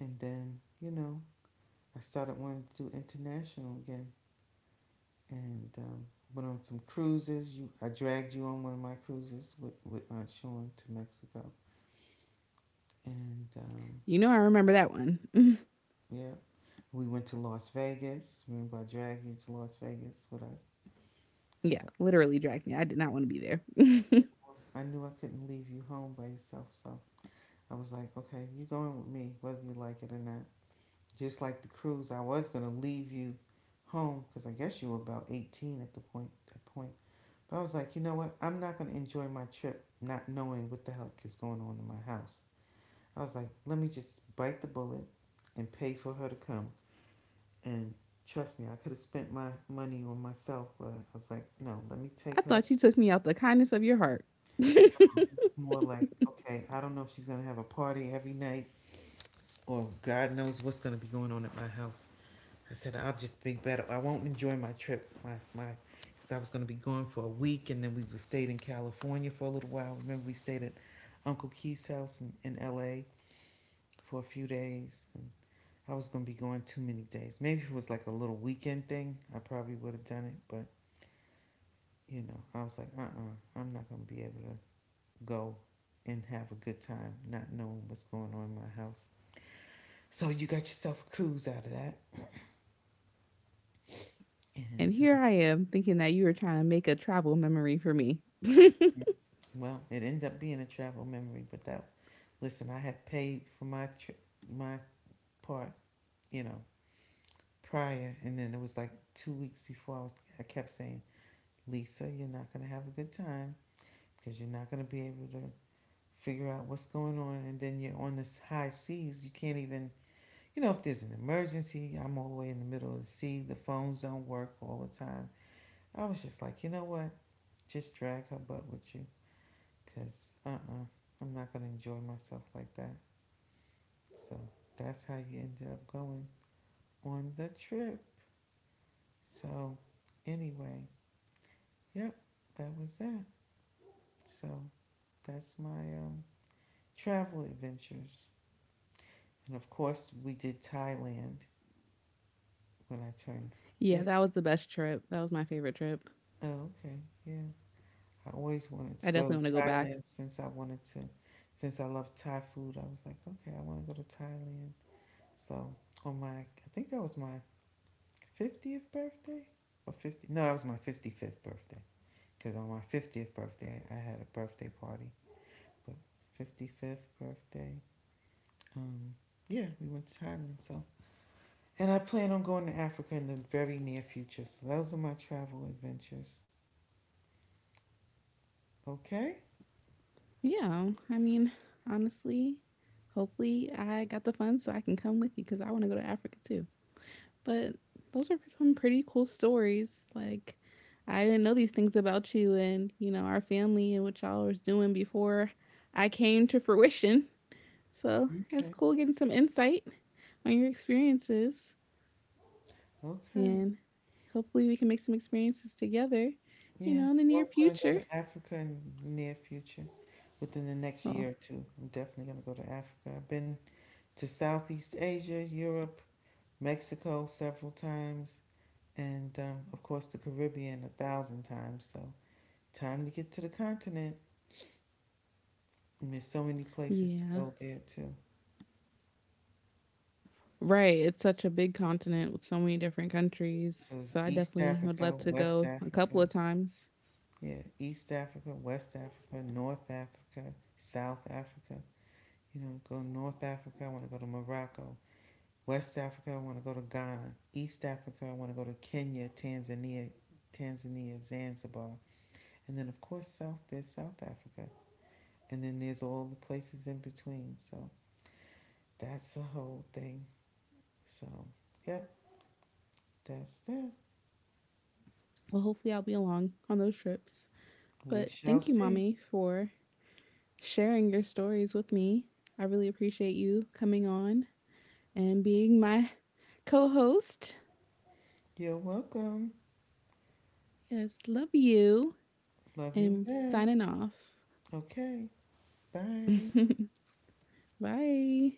[SPEAKER 2] And then, you know, I started wanting to do international again and went on some cruises. You, I dragged you on one of my cruises with Aunt Shawn to Mexico. And
[SPEAKER 1] You know, I remember that one.
[SPEAKER 2] yeah, we went to Las Vegas. Remember, I dragged you to Las Vegas with us.
[SPEAKER 1] Yeah,
[SPEAKER 2] So
[SPEAKER 1] literally dragged me. I did not want to be there.
[SPEAKER 2] I knew I couldn't leave you home by yourself. So I was like, okay, you're going with me, whether you like it or not. Just like the cruise, I was gonna leave you home because I guess you were about 18 at the point. That point, but I was like, you know what? I'm not gonna enjoy my trip not knowing what the heck is going on in my house. I was like, let me just bite the bullet and pay for her to come. And trust me, I could have spent my money on myself, but I was like, no, let me
[SPEAKER 1] I
[SPEAKER 2] take her.
[SPEAKER 1] thought you took me out the kindness of your heart.
[SPEAKER 2] It was more like, okay, I don't know if she's gonna have a party every night or God knows what's gonna be going on at my house. I said I'll just be better. I won't enjoy my trip. Because I was going to be going for a week, and then we stayed in California for a little while. Remember, we stayed at Uncle Keith's house in L.A. for a few days. And I was going to be going too many days. Maybe if it was like a little weekend thing, I probably would have done it. But you know, I was like, I am not going to be able to go and have a good time, not knowing what's going on in my house. So you got yourself a cruise out of that, and.
[SPEAKER 1] And here I am thinking that you were trying to make a travel memory for me.
[SPEAKER 2] Well, it ended up being a travel memory, but that, listen, I had paid for my my part, you know, prior, and then it was like 2 weeks before I was, I kept saying, Lisa, you're not gonna have a good time because you're not gonna be able to figure out what's going on, and then you're on this high seas, you can't even, you know, if there's an emergency, I'm all the way in the middle of the sea, the phones don't work all the time. I was just like, you know what, just drag her butt with you, cause I'm not gonna enjoy myself like that. So that's how you ended up going on the trip. So anyway, yep, that was that. So that's my travel adventures. And of course, we did Thailand when I turned
[SPEAKER 1] Yeah, that
[SPEAKER 2] 50.
[SPEAKER 1] was the best trip. That was my favorite trip.
[SPEAKER 2] Oh, okay. Yeah. I always wanted to
[SPEAKER 1] I
[SPEAKER 2] go
[SPEAKER 1] definitely
[SPEAKER 2] to
[SPEAKER 1] want to go back.
[SPEAKER 2] Thailand since I love Thai food. I was like, okay, I want to go to Thailand. So I think that was my 50th birthday or 50, no, that was my 55th birthday. Because on my 50th birthday, I had a birthday party. But 55th birthday, um, yeah, we went to Thailand. So, and I plan on going to Africa in the very near future. So those are my travel adventures. Okay,
[SPEAKER 1] Yeah, I mean, honestly, hopefully I got the funds so I can come with you because I want to go to Africa too. But those are some pretty cool stories. Like, I didn't know these things about you and, you know, our family and what y'all was doing before I came to fruition. So it's
[SPEAKER 2] okay,
[SPEAKER 1] cool getting some insight on your experiences.
[SPEAKER 2] okay.
[SPEAKER 1] And hopefully we can make some experiences together, you
[SPEAKER 2] Yeah,
[SPEAKER 1] know, in the near
[SPEAKER 2] well, I'm gonna go
[SPEAKER 1] future.
[SPEAKER 2] to Africa in the near future, within the next
[SPEAKER 1] Well,
[SPEAKER 2] year or two. I'm definitely gonna go to Africa. I've been to Southeast Asia, Europe, Mexico several times, and of course the Caribbean a thousand times. So time to get to the continent. And there's so many places to
[SPEAKER 1] yeah.
[SPEAKER 2] go there too.
[SPEAKER 1] Right. It's such a big continent with so many different countries.
[SPEAKER 2] So there's
[SPEAKER 1] So I
[SPEAKER 2] East
[SPEAKER 1] definitely would love
[SPEAKER 2] Africa,
[SPEAKER 1] to
[SPEAKER 2] West
[SPEAKER 1] go a couple
[SPEAKER 2] Africa.
[SPEAKER 1] of times.
[SPEAKER 2] Yeah, East Africa, West Africa, North Africa, South Africa. You know, go North Africa, I want to go to Morocco. West Africa, I want to go to Ghana. East Africa, I want to go to Kenya, Tanzania, Zanzibar. And then of course South there's South Africa. And then there's all the places in between. So that's the whole thing. So, yep, that's that.
[SPEAKER 1] Well, hopefully I'll be along on those trips.
[SPEAKER 2] We
[SPEAKER 1] But
[SPEAKER 2] shall
[SPEAKER 1] thank you,
[SPEAKER 2] see.
[SPEAKER 1] Mommy, for sharing your stories with me. I really appreciate you coming on and being my co host.
[SPEAKER 2] You're welcome.
[SPEAKER 1] Yes, love you.
[SPEAKER 2] Love you
[SPEAKER 1] And
[SPEAKER 2] back.
[SPEAKER 1] signing off.
[SPEAKER 2] Okay. Bye.
[SPEAKER 1] Bye.